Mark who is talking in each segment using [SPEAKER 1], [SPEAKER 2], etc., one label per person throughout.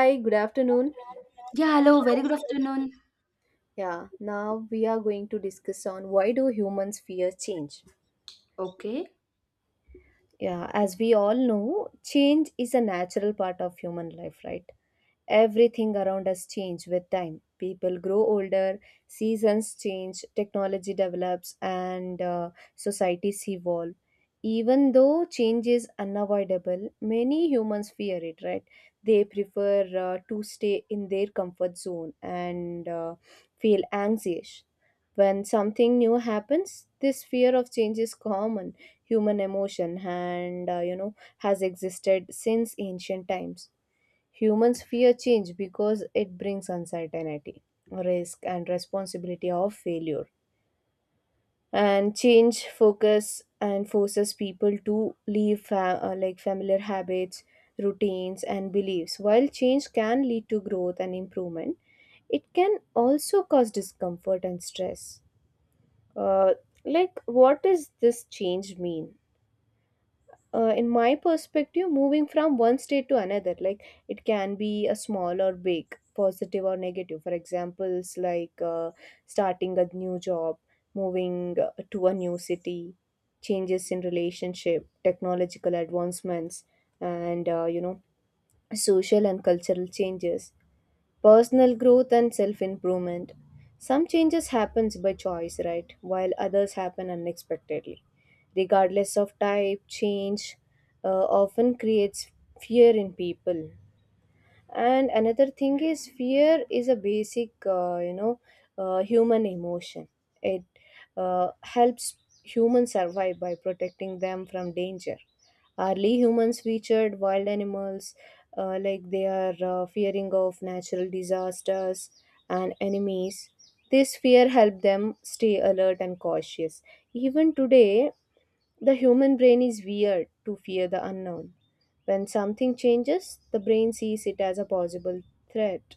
[SPEAKER 1] Hi, good afternoon.
[SPEAKER 2] Yeah, hello, very good afternoon.
[SPEAKER 1] Yeah, now we are going to discuss on why do humans fear change?
[SPEAKER 2] Okay.
[SPEAKER 1] Yeah, as we all know, change is a natural part of human life, right? Everything around us change with time. People grow older, seasons change, technology develops, and societies evolve. Even though change is unavoidable, many humans fear it, right? They prefer to stay in their comfort zone and feel anxious. When something new happens, this fear of change is common human emotion and has existed since ancient times. Humans fear change because it brings uncertainty, risk, and responsibility of failure. And change focus and forces people to leave like familiar habits, routines, and beliefs. While change can lead to growth and improvement, it can also cause discomfort and stress. Uh, like, what does this change mean? In my perspective, moving from one state to another, like it can be a small or big, positive or negative. For examples, like starting a new job, moving to a new city, changes in relationship, technological advancements, and social and cultural changes, personal growth and self-improvement. Some changes happens by choice, right, while others happen unexpectedly. Regardless of type, change often creates fear in people. And another thing is, fear is a basic human emotion. It uh, helps humans survive by protecting them from danger. Early humans featured wild animals, like they are fearing of natural disasters and enemies. This fear helped them stay alert and cautious. Even today, the human brain is weird to fear the unknown. When something changes, the brain sees it as a possible threat.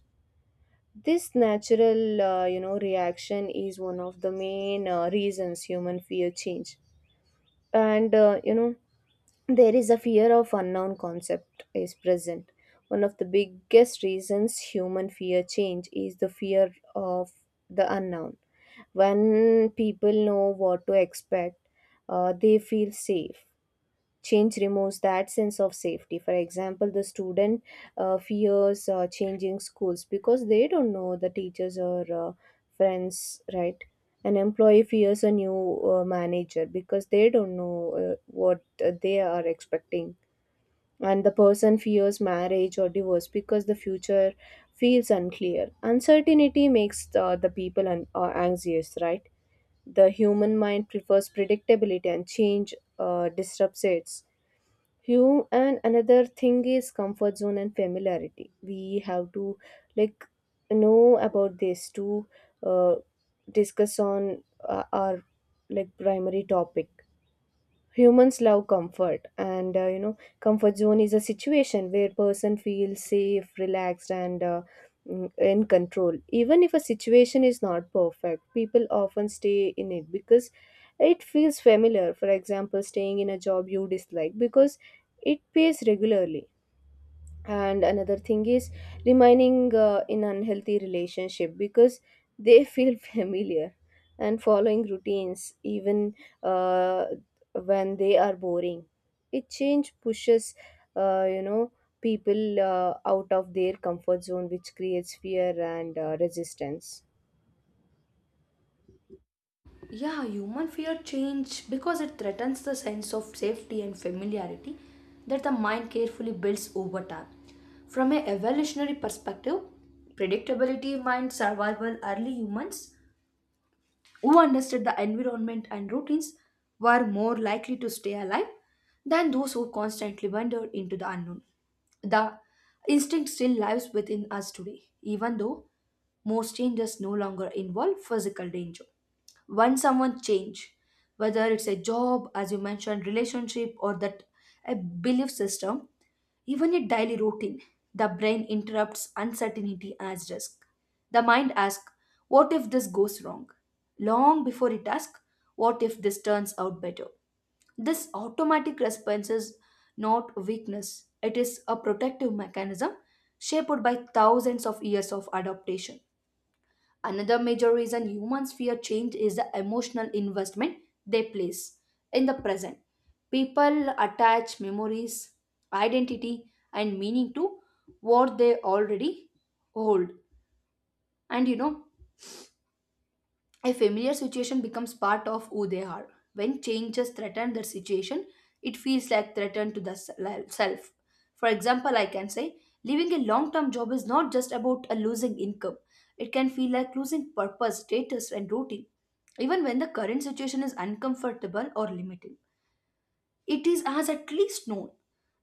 [SPEAKER 1] This natural, reaction is one of the main reasons human fear change. And there is a fear of unknown concept is present. One of the biggest reasons human fear change is the fear of the unknown. When people know what to expect, they feel safe. Change removes that sense of safety. For example, the student fears changing schools because they don't know the teachers or friends, right? An employee fears a new manager because they don't know what they are expecting. And the person fears marriage or divorce because the future feels unclear. Uncertainty makes the people anxious, right? The human mind prefers predictability and change disrupts it. Hume, and another thing is comfort zone and familiarity. We have to, like, know about this to uh, discuss on our, like, primary topic. Humans love comfort, and comfort zone is a situation where person feels safe, relaxed, and in control. Even if a situation is not perfect, people often stay in it because it feels familiar. For example, staying in a job you dislike because it pays regularly, and another thing is remaining in unhealthy relationship because they feel familiar, and following routines even uh, when they are boring. It change pushes uh, you know people out of their comfort zone, which creates fear and resistance.
[SPEAKER 2] Yeah, human fear change because it threatens the sense of safety and familiarity that the mind carefully builds over time. From an evolutionary perspective, predictability minds survival early humans who understood the environment and routines were more likely to stay alive than those who constantly wandered into the unknown. The instinct still lives within us today, even though most changes no longer involve physical danger. When someone change, whether it's a job, as you mentioned, relationship, or that a belief system, even in daily routine, the brain interrupts uncertainty as risk. The mind asks, what if this goes wrong? Long before it asks, what if this turns out better? This automatic response is not weakness, it is a protective mechanism shaped by thousands of years of adaptation. Another major reason humans fear change is the emotional investment they place in the present. People attach memories, identity, and meaning to what they already hold. And you know, a familiar situation becomes part of who they are. When changes threaten their situation, it feels like threatened to the self. For example, I can say leaving a long term job is not just about a losing income, it can feel like losing purpose, status, and routine. Even when the current situation is uncomfortable or limiting, it is as at least known.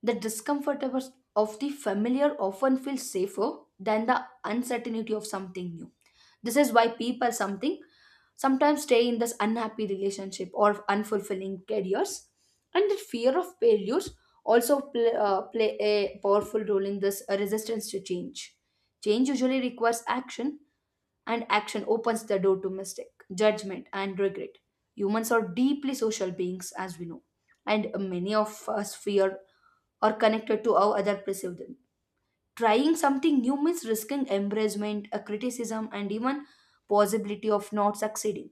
[SPEAKER 2] The discomfort of the familiar often feels safer than the uncertainty of something new. This is why people something sometimes stay in this unhappy relationship or unfulfilling careers, and the fear of failures also play a powerful role in this resistance to change. Change usually requires action, and action opens the door to mistake judgment and regret. Humans are deeply social beings, as we know, and many of us fear or connected to how other perceive them. Trying something new means risking embarrassment, a criticism, and even possibility of not succeeding.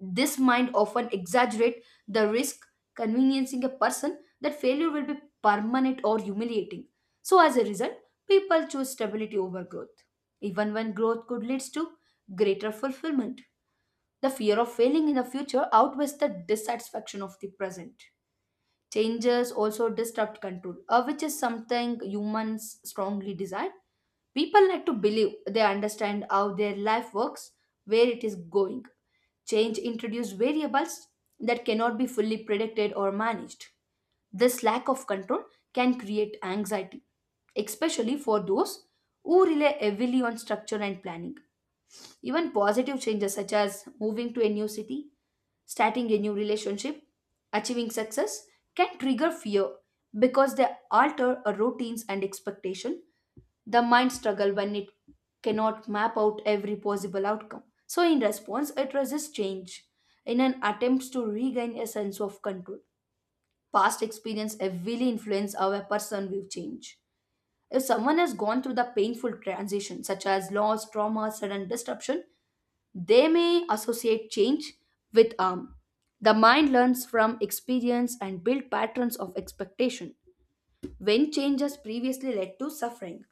[SPEAKER 2] This mind often exaggerate the risk, conveniencing a person that failure will be permanent or humiliating. So as a result, people choose stability over growth, even when growth could lead to greater fulfillment. The fear of failing in the future outweighs the dissatisfaction of the present. Changes also disrupt control, which is something humans strongly desire. People like to believe they understand how their life works, where it is going. Change introduces variables that cannot be fully predicted or managed. This lack of control can create anxiety, especially for those who rely heavily on structure and planning. Even positive changes such as moving to a new city, starting a new relationship, achieving success can trigger fear because they alter our routines and expectation. The mind struggles when it cannot map out every possible outcome. So, in response, it resists change in an attempt to regain a sense of control. Past experience heavily influence how a person will change. If someone has gone through the painful transition, such as loss, trauma, sudden disruption, they may associate change with harm. The mind learns from experience and build patterns of expectation when change has previously led to suffering.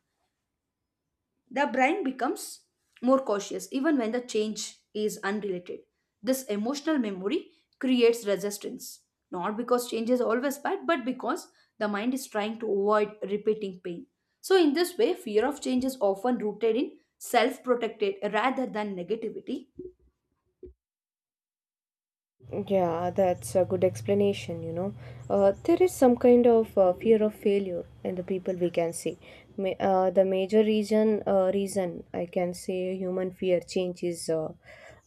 [SPEAKER 2] The brain becomes more cautious even when the change is unrelated. This emotional memory creates resistance, not because change is always bad, but because the mind is trying to avoid repeating pain. So, in this way, fear of change is often rooted in self protected rather than negativity.
[SPEAKER 1] Yeah, that's a good explanation, you know. There is some kind of fear of failure in the people we can see. The major reason, reason I can say human fear change is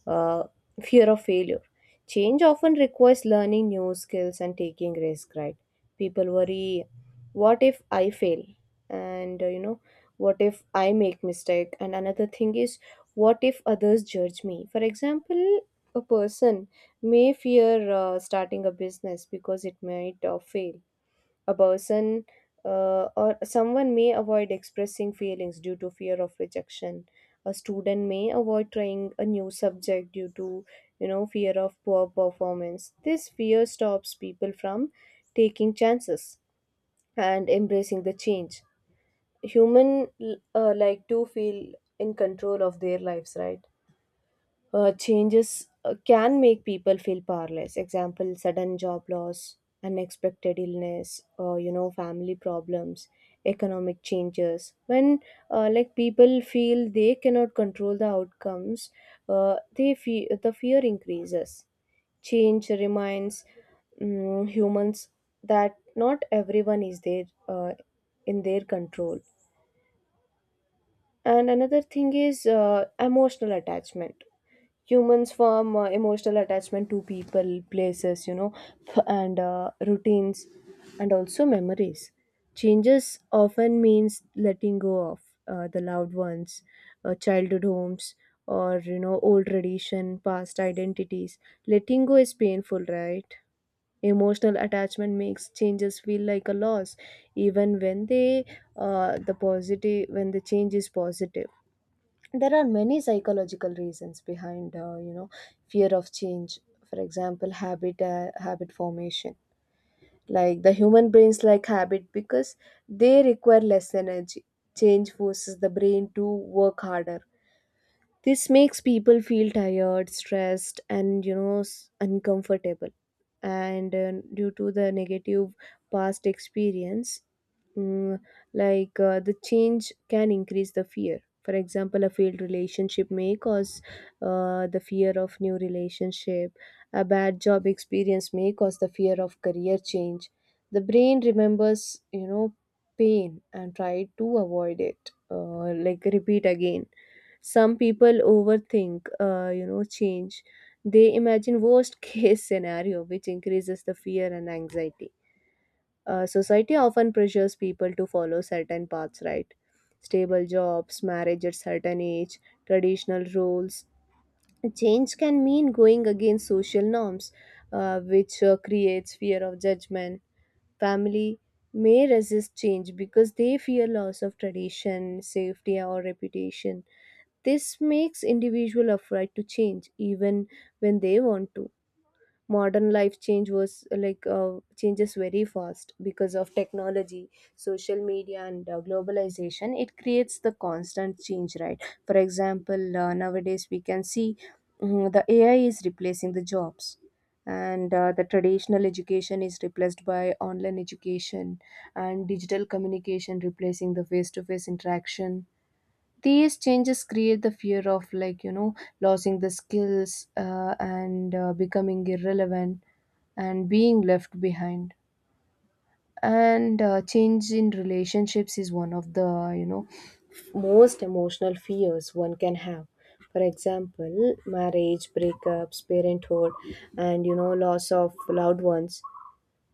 [SPEAKER 1] uh, fear of failure. Change often requires learning new skills and taking risk, right? People worry, what if I fail? And what if I make mistake? And another thing is, what if others judge me? For example, a person may fear starting a business because it might fail. A person or someone may avoid expressing feelings due to fear of rejection. A student may avoid trying a new subject due to, fear of poor performance. This fear stops people from taking chances and embracing the change. Human like to feel in control of their lives, right? Changes can make people feel powerless. Example, sudden job loss, unexpected illness, or, family problems, economic changes. When like people feel they cannot control the outcomes, uh, the fear increases. Change reminds humans that not everyone is there in their control. And another thing is emotional attachment. Humans form emotional attachment to people, places, you know, f- and routines, and also memories. Changes often means letting go of the loved ones, childhood homes, or, old tradition, past identities. Letting go is painful, right? Emotional attachment makes changes feel like a loss, even when they the positive when the change is positive. There are many psychological reasons behind fear of change. For example, habit formation. Like the human brains like habit because they require less energy. Change forces the brain to work harder. This makes people feel tired, stressed, and, uncomfortable. And due to the negative past experience, mm, like the change can increase the fear. For example, a failed relationship may cause the fear of new relationship. A bad job experience may cause the fear of career change. The brain remembers, you know, pain and try to avoid it, like repeat again. Some people overthink, change. They imagine worst case scenario, which increases the fear and anxiety. Society often pressures people to follow certain paths, right? Stable jobs, marriage at certain age, traditional roles. Change can mean going against social norms, which creates fear of judgment. Family may resist change because they fear loss of tradition, safety, or reputation. This makes individual afraid to change even when they want to. Modern life change was changes very fast because of technology, social media, and globalization. It creates the constant change, right? For example, nowadays we can see, the AI is replacing the jobs, and the traditional education is replaced by online education, and digital communication replacing the face-to-face interaction. These changes create the fear of, like, you know, losing the skills, and becoming irrelevant and being left behind. And change in relationships is one of the, you know, most emotional fears one can have. For example, marriage, breakups, parenthood, and, you know, loss of loved ones.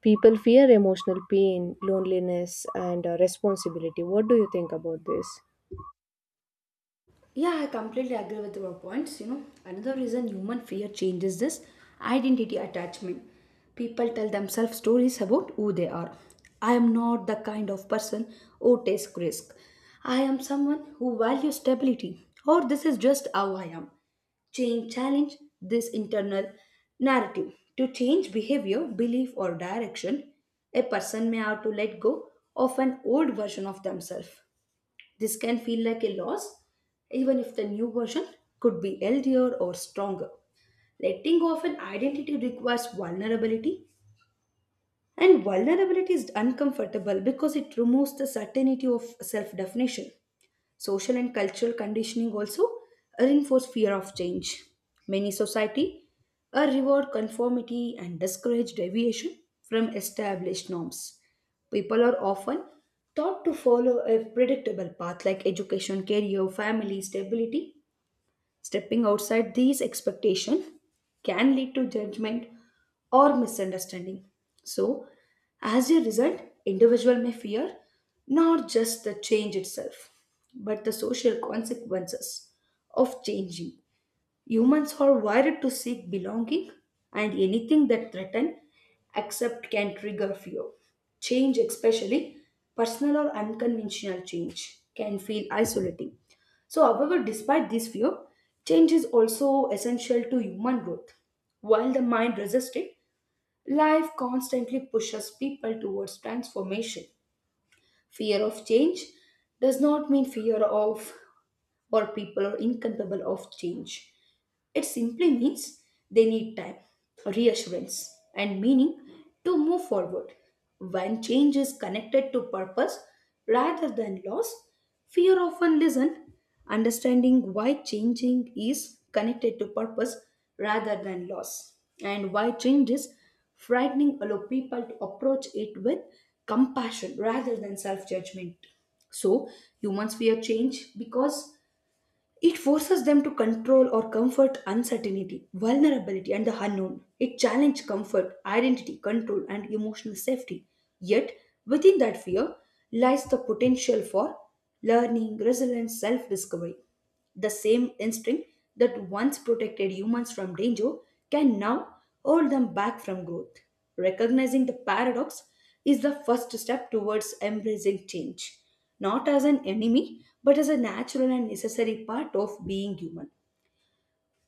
[SPEAKER 1] People fear emotional pain, loneliness, and responsibility. What do you think about this?
[SPEAKER 2] Yeah, I completely agree with your points. You know, another reason human fear changes this identity attachment. People tell themselves stories about who they are. I am not the kind of person who takes risk. I am someone who values stability, or this is just how I am. Change challenge this internal narrative. To change behavior, belief, or direction, a person may have to let go of an old version of themselves. This can feel like a loss, even if the new version could be healthier or stronger. Letting go of an identity requires vulnerability, and vulnerability is uncomfortable because it removes the certainty of self definition. Social and cultural conditioning also reinforce fear of change. Many society reward conformity and discourage deviation from established norms. People are often taught to follow a predictable path like education, career, family, stability. Stepping outside these expectations can lead to judgment or misunderstanding. So, as a result, individual may fear not just the change itself, but the social consequences of changing. Humans are wired to seek belonging, and anything that threatens accept can trigger fear. Change, especially personal or unconventional change, can feel isolating. So, however, despite this fear, change is also essential to human growth. While the mind resists it, life constantly pushes people towards transformation. Fear of change does not mean fear of or people are incapable of change. It simply means they need time, reassurance, and meaning to move forward. When change is connected to purpose rather than loss, fear often listen. Understanding why changing is connected to purpose rather than loss, and why change is frightening, allow people to approach it with compassion rather than self judgment. So humans fear change because it forces them to control or comfort uncertainty, vulnerability, and the unknown. It challenges comfort, identity, control, and emotional safety. Yet, within that fear lies the potential for learning, resilience, self discovery. The same instinct that once protected humans from danger can now hold them back from growth. Recognizing the paradox is the first step towards embracing change, not as an enemy, but as a natural and necessary part of being human.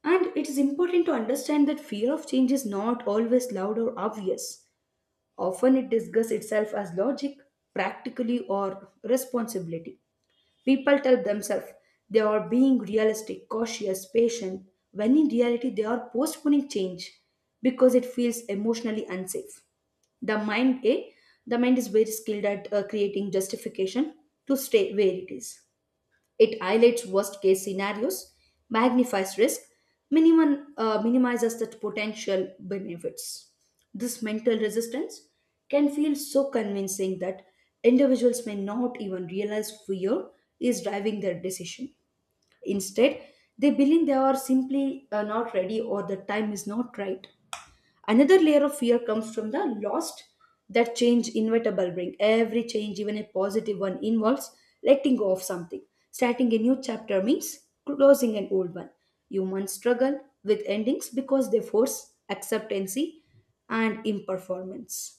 [SPEAKER 2] And it is important to understand that fear of change is not always loud or obvious. Often it disguises itself as logic, practically, or responsibility. People tell themselves they are being realistic, cautious, patient, when in reality they are postponing change because it feels emotionally unsafe. The mind, eh? The mind is very skilled at creating justification to stay where it is. It highlights worst case scenarios, magnifies risk, minimizes the potential benefits. This mental resistance can feel so convincing that individuals may not even realize fear is driving their decision. Instead, they believe they are simply not ready or the time is not right. Another layer of fear comes from the lost that change inevitable bring. Every change, even a positive one, involves letting go of something. Starting a new chapter means closing an old one. Humans struggle with endings because they force acceptancy and imperformance.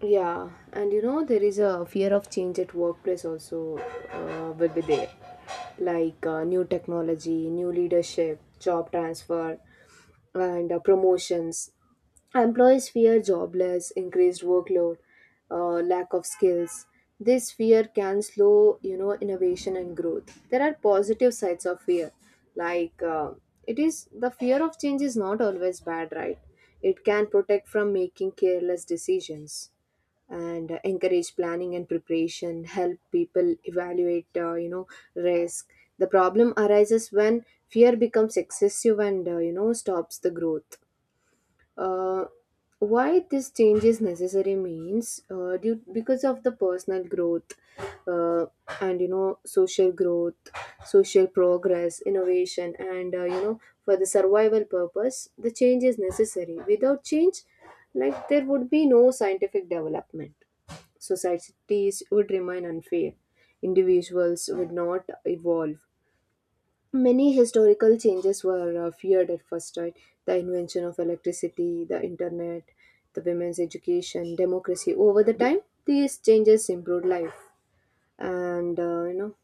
[SPEAKER 1] Yeah, and you know, there is a fear of change at workplace also will be there. Like new technology, new leadership, job transfer, and promotions. Employees fear jobless, increased workload, lack of skills. This fear can slow, you know, innovation and growth. There are positive sides of fear. Like it is, the fear of change is not always bad, right? It can protect from making careless decisions and encourage planning and preparation, help people evaluate, risk. The problem arises when fear becomes excessive and, stops the growth. uh, why this change is necessary means, because of the personal growth uh, and, you know, social growth, social progress, innovation, and, for the survival purpose, the change is necessary. Without change, like, there would be no scientific development. Societies would remain unfair. Individuals would not evolve. Many historical changes were feared at first, right? The invention of electricity, the internet, the women's education, democracy. Over the time, these changes improved life, and,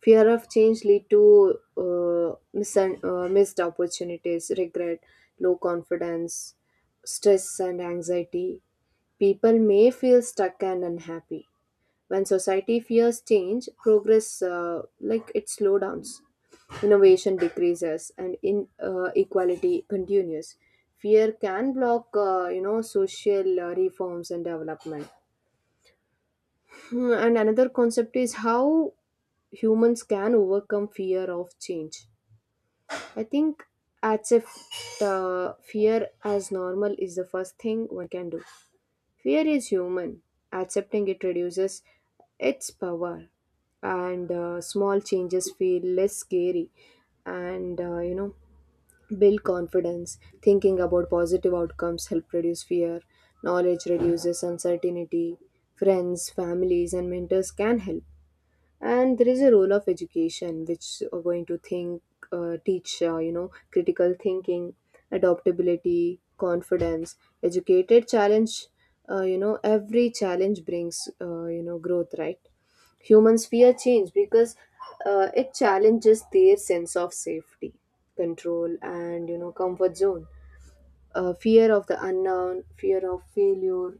[SPEAKER 1] fear of change lead to missed opportunities, regret, low confidence, stress, and anxiety. People may feel stuck and unhappy when society fears change progress. Like, it slow downs, innovation decreases, and inequality continues. Fear can block, social reforms and development. Hmm, and another concept is how humans can overcome fear of change. I think, as if fear as normal is the first thing one can do. Fear is human. Accepting it reduces its power, and small changes feel less scary and build confidence. Thinking about positive outcomes help reduce fear. Knowledge reduces uncertainty. Friends, families and mentors can help, and there is a role of education which are going to think, teach critical thinking, adaptability, confidence, educated challenge. Every challenge brings growth, right? Humans fear change because it challenges their sense of safety, control and you know comfort zone. Fear of the unknown, fear of failure,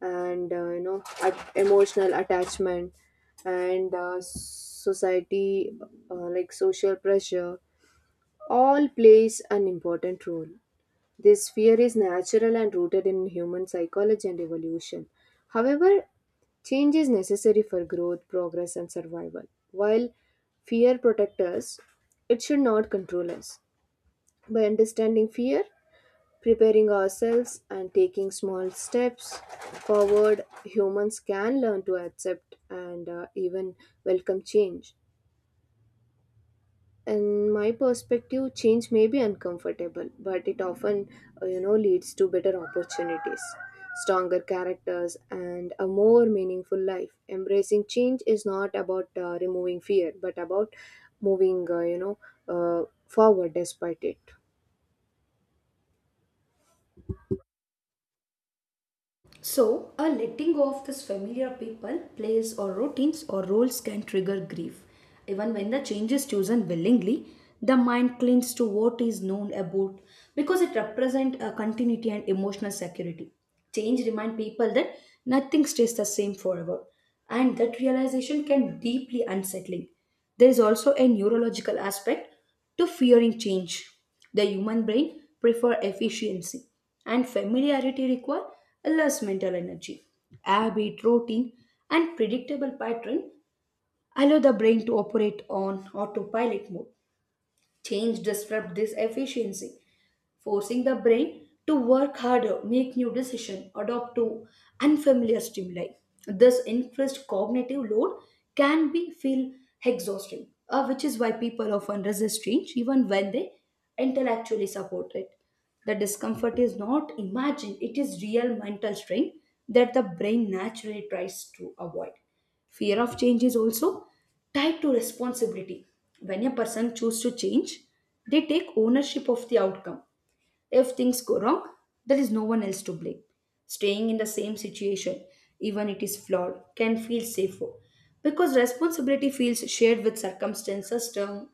[SPEAKER 1] and emotional attachment, and society, like social pressure, all plays an important role. This fear is natural and rooted in human psychology and evolution. However, change is necessary for growth, progress and survival. While fear protects us, it should not control us. By understanding fear, preparing ourselves and taking small steps forward, humans can learn to accept and even welcome change. In my perspective, change may be uncomfortable, but it often, leads to better opportunities, stronger characters, and a more meaningful life. Embracing change is not about removing fear, but about moving, forward despite it.
[SPEAKER 2] So, a letting go of this familiar people, place, or routines or roles can trigger grief. Even when the change is chosen willingly, the mind clings to what is known about because it represents a continuity and emotional security. Change reminds people that nothing stays the same forever, and that realization can be deeply unsettling. There is also a neurological aspect to fearing change. The human brain prefer efficiency and familiarity require less mental energy. Habit, routine and predictable pattern allow the brain to operate on autopilot mode. Change disrupt this efficiency forcing the brain to work harder, make new decisions, adopt to unfamiliar stimuli. This increased cognitive load can be feel exhausting, which is why people often resist change even when they intellectually support it. The discomfort is not imagined, it is real mental strain that the brain naturally tries to avoid. Fear of change is also tied to responsibility. When a person chooses to change, they take ownership of the outcome if things go wrong, there is no one else to blame. Staying in the same situation, even it is flawed, can feel safer because responsibility feels shared with circumstances, term,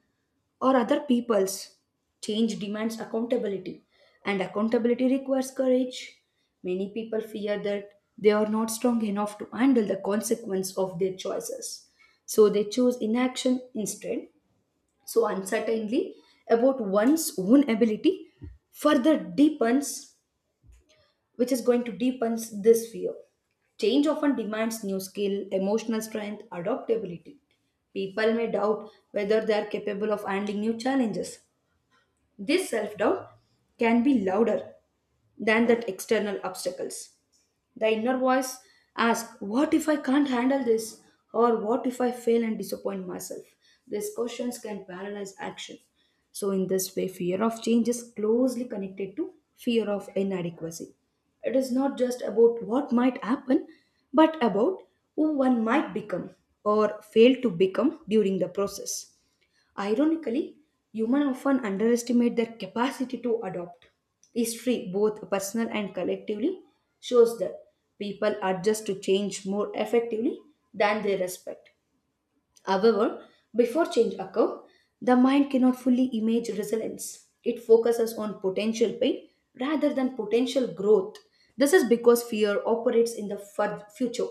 [SPEAKER 2] or other people's. Change demands accountability, and accountability requires courage. Many people fear that they are not strong enough to handle the consequence of their choices, so they choose inaction instead. So, uncertainty about one's own ability further deepens, which is going to deepen this fear. Change often demands new skill, emotional strength, adaptability. People may doubt whether they are capable of handling new challenges. This self doubt can be louder than that external obstacles. The inner voice asks, what if I can't handle this? Or what if I fail and disappoint myself? These questions can paralyze action. So, in this way, fear of change is closely connected to fear of inadequacy. It is not just about what might happen, but about who one might become or fail to become during the process. Ironically, humans often underestimate their capacity to adopt. History, both personal and collectively, shows that people adjust to change more effectively than they respect. However, before change occurs, the mind cannot fully image resilience. It focuses on potential pain rather than potential growth. This is because fear operates in the future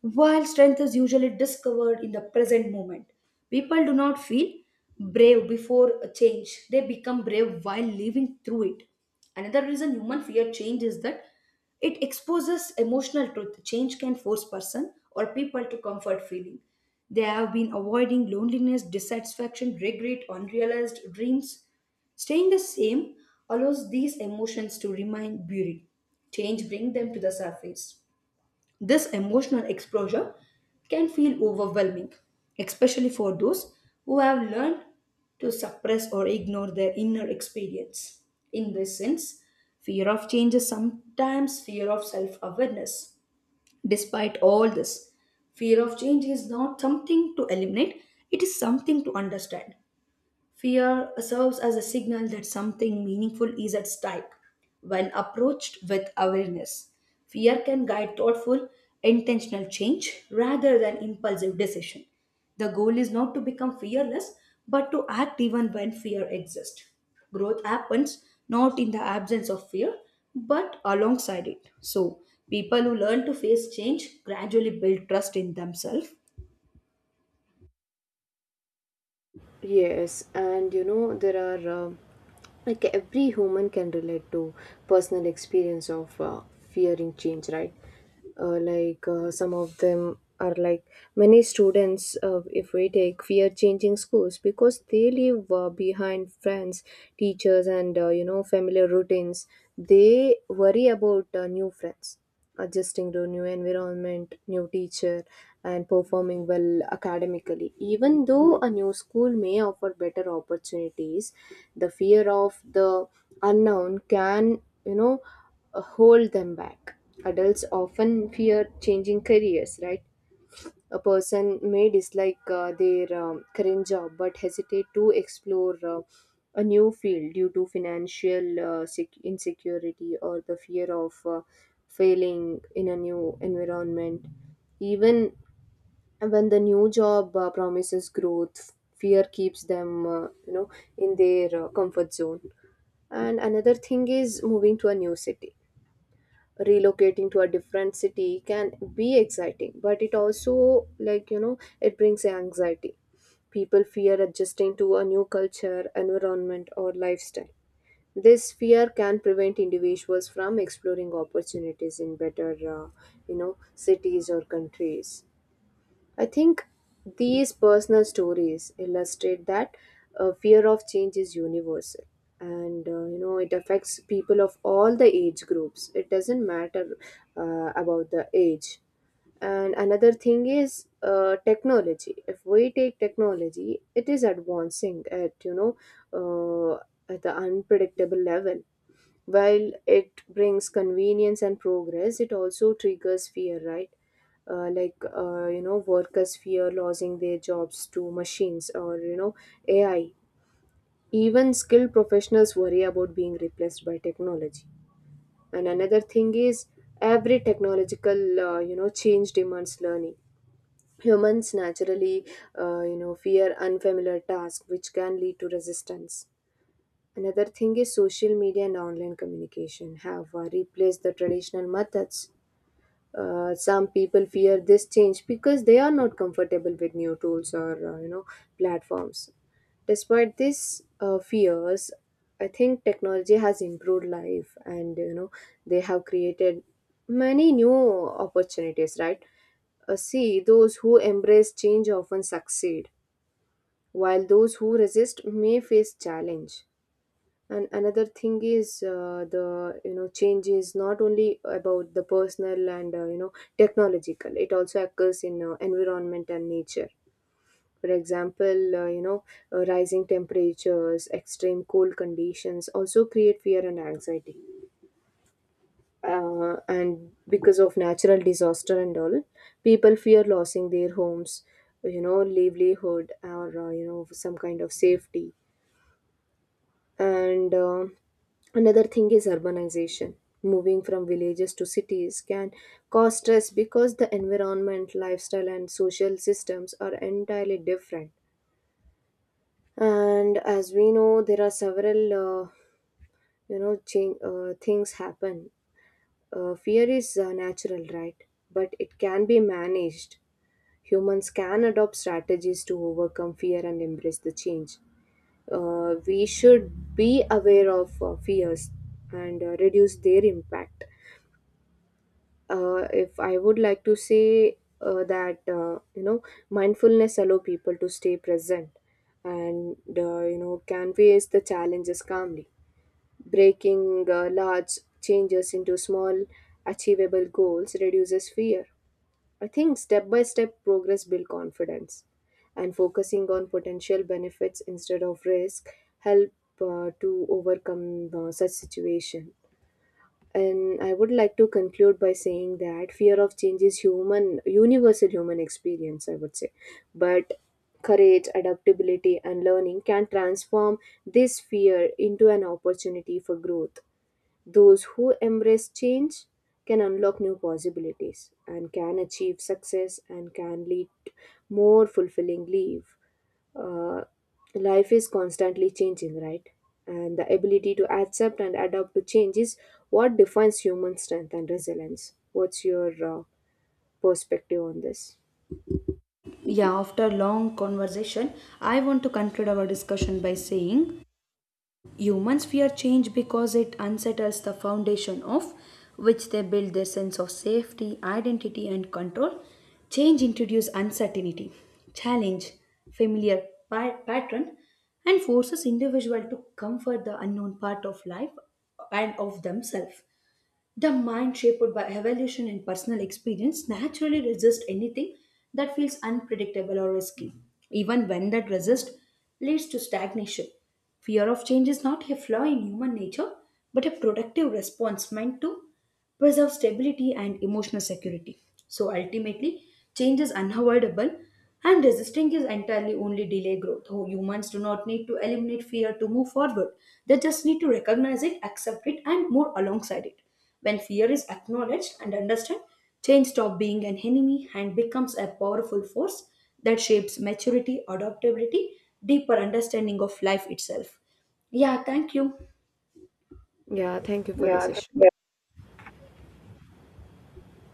[SPEAKER 2] while strength is usually discovered in the present moment, people do not feel brave before a change. They become brave while living through it. Another reason human fear change is that it exposes emotional truth. Change can force person or people to comfort feeling. They have been avoiding loneliness, dissatisfaction, regret, unrealized dreams. Staying the same allows these emotions to remain buried. Change brings them to the surface. This emotional exposure can feel overwhelming, especially for those who have learned to suppress or ignore their inner experience. In this sense, fear of change is sometimes fear of self awareness. Despite all this, fear of change is not something to eliminate, it is something to understand. Fear serves as a signal that something meaningful is at stake. When approached with awareness, fear can guide thoughtful, intentional change rather than impulsive decision. The goal is not to become fearless, but to act even when fear exists. Growth happens not in the absence of fear, but alongside it. So, people who learn to face change gradually build trust in themselves.
[SPEAKER 1] Yes, and you know, there are like every human can relate to personal experience of fearing change, right? Some of them are like many students, if we take fear changing schools because they leave behind friends, teachers, and familiar routines. They worry about new friends, adjusting to new environment, new teacher, and performing well academically. Even though a new school may offer better opportunities, the fear of the unknown can, hold them back. Adults often fear changing careers, right? A person may dislike their current job but hesitate to explore a new field due to financial insecurity or the fear of failing in a new environment. Even when the new job promises growth, fear keeps them, in their comfort zone. And another thing is moving to a new city. Relocating to a different city can be exciting, but it also, like you know, it brings anxiety. People fear adjusting to a new culture, environment or lifestyle. This fear can prevent individuals from exploring opportunities in better, cities or countries. I think these personal stories illustrate that fear of change is universal, and it affects people of all the age groups. It doesn't matter about the age. And another thing is technology. If we take technology, it is advancing at, uh, at the unpredictable level. While it brings convenience and progress, it also triggers fear, right? Workers fear losing their jobs to machines or you know AI. Even skilled professionals worry about being replaced by technology. And another thing is, every technological change demands learning. Humans naturally, fear unfamiliar tasks, which can lead to resistance. Another thing is, social media and online communication have replaced the traditional methods. Some people fear this change because they are not comfortable with new tools or, platforms. Despite these fears, I think technology has improved life, and you know they have created many new opportunities. Right? See, those who embrace change often succeed, while those who resist may face challenge. And another thing is the, you know, change is not only about the personal and, technological. It also occurs in environment and nature. For example, rising temperatures, extreme cold conditions also create fear and anxiety. And because of natural disaster and all, people fear losing their homes, you know, livelihood, or some kind of safety. And another thing is urbanization. Moving from villages to cities can cause stress because the environment, lifestyle, and social systems are entirely different. And as we know, there are several change, things happen. Fear is natural, right? But it can be managed. Humans can adopt strategies to overcome fear and embrace the change. We should be aware of fears and reduce their impact. If I would like to say that, mindfulness allow people to stay present and, can face the challenges calmly. Breaking large changes into small achievable goals reduces fear. I think step by step progress builds confidence, and focusing on potential benefits instead of risk help to overcome such situation. And I would like to conclude by saying that fear of change is human, universal human experience, I would say, but courage, adaptability, and learning can transform this fear into an opportunity for growth. Those who embrace change can unlock new possibilities and can achieve success and can lead more fulfilling life. Uh, Life is constantly changing, right? And the ability to accept and adapt to change is what defines human strength and resilience. What's your perspective on this?
[SPEAKER 2] Yeah, after long conversation, I want to conclude our discussion by saying humans fear change because it unsettles the foundation of which they build their sense of safety, identity, and control. Change introduces uncertainty, challenge, familiar pattern, and forces individual to comfort the unknown part of life and of themselves. The mind shaped by evolution and personal experience naturally resists anything that feels unpredictable or risky, even when that resist leads to stagnation. Fear of change is not a flaw in human nature, but a productive response meant to preserve stability and emotional security. So ultimately, change is unavoidable and resisting is entirely only delay growth. Oh, humans do not need to eliminate fear to move forward. They just need to recognize it, accept it, and move alongside it. When fear is acknowledged and understood, change stops being an enemy and becomes a powerful force that shapes maturity, adaptability, deeper understanding of life itself. Yeah, thank you.
[SPEAKER 1] Yeah, thank you for this
[SPEAKER 2] Yeah,
[SPEAKER 1] issue.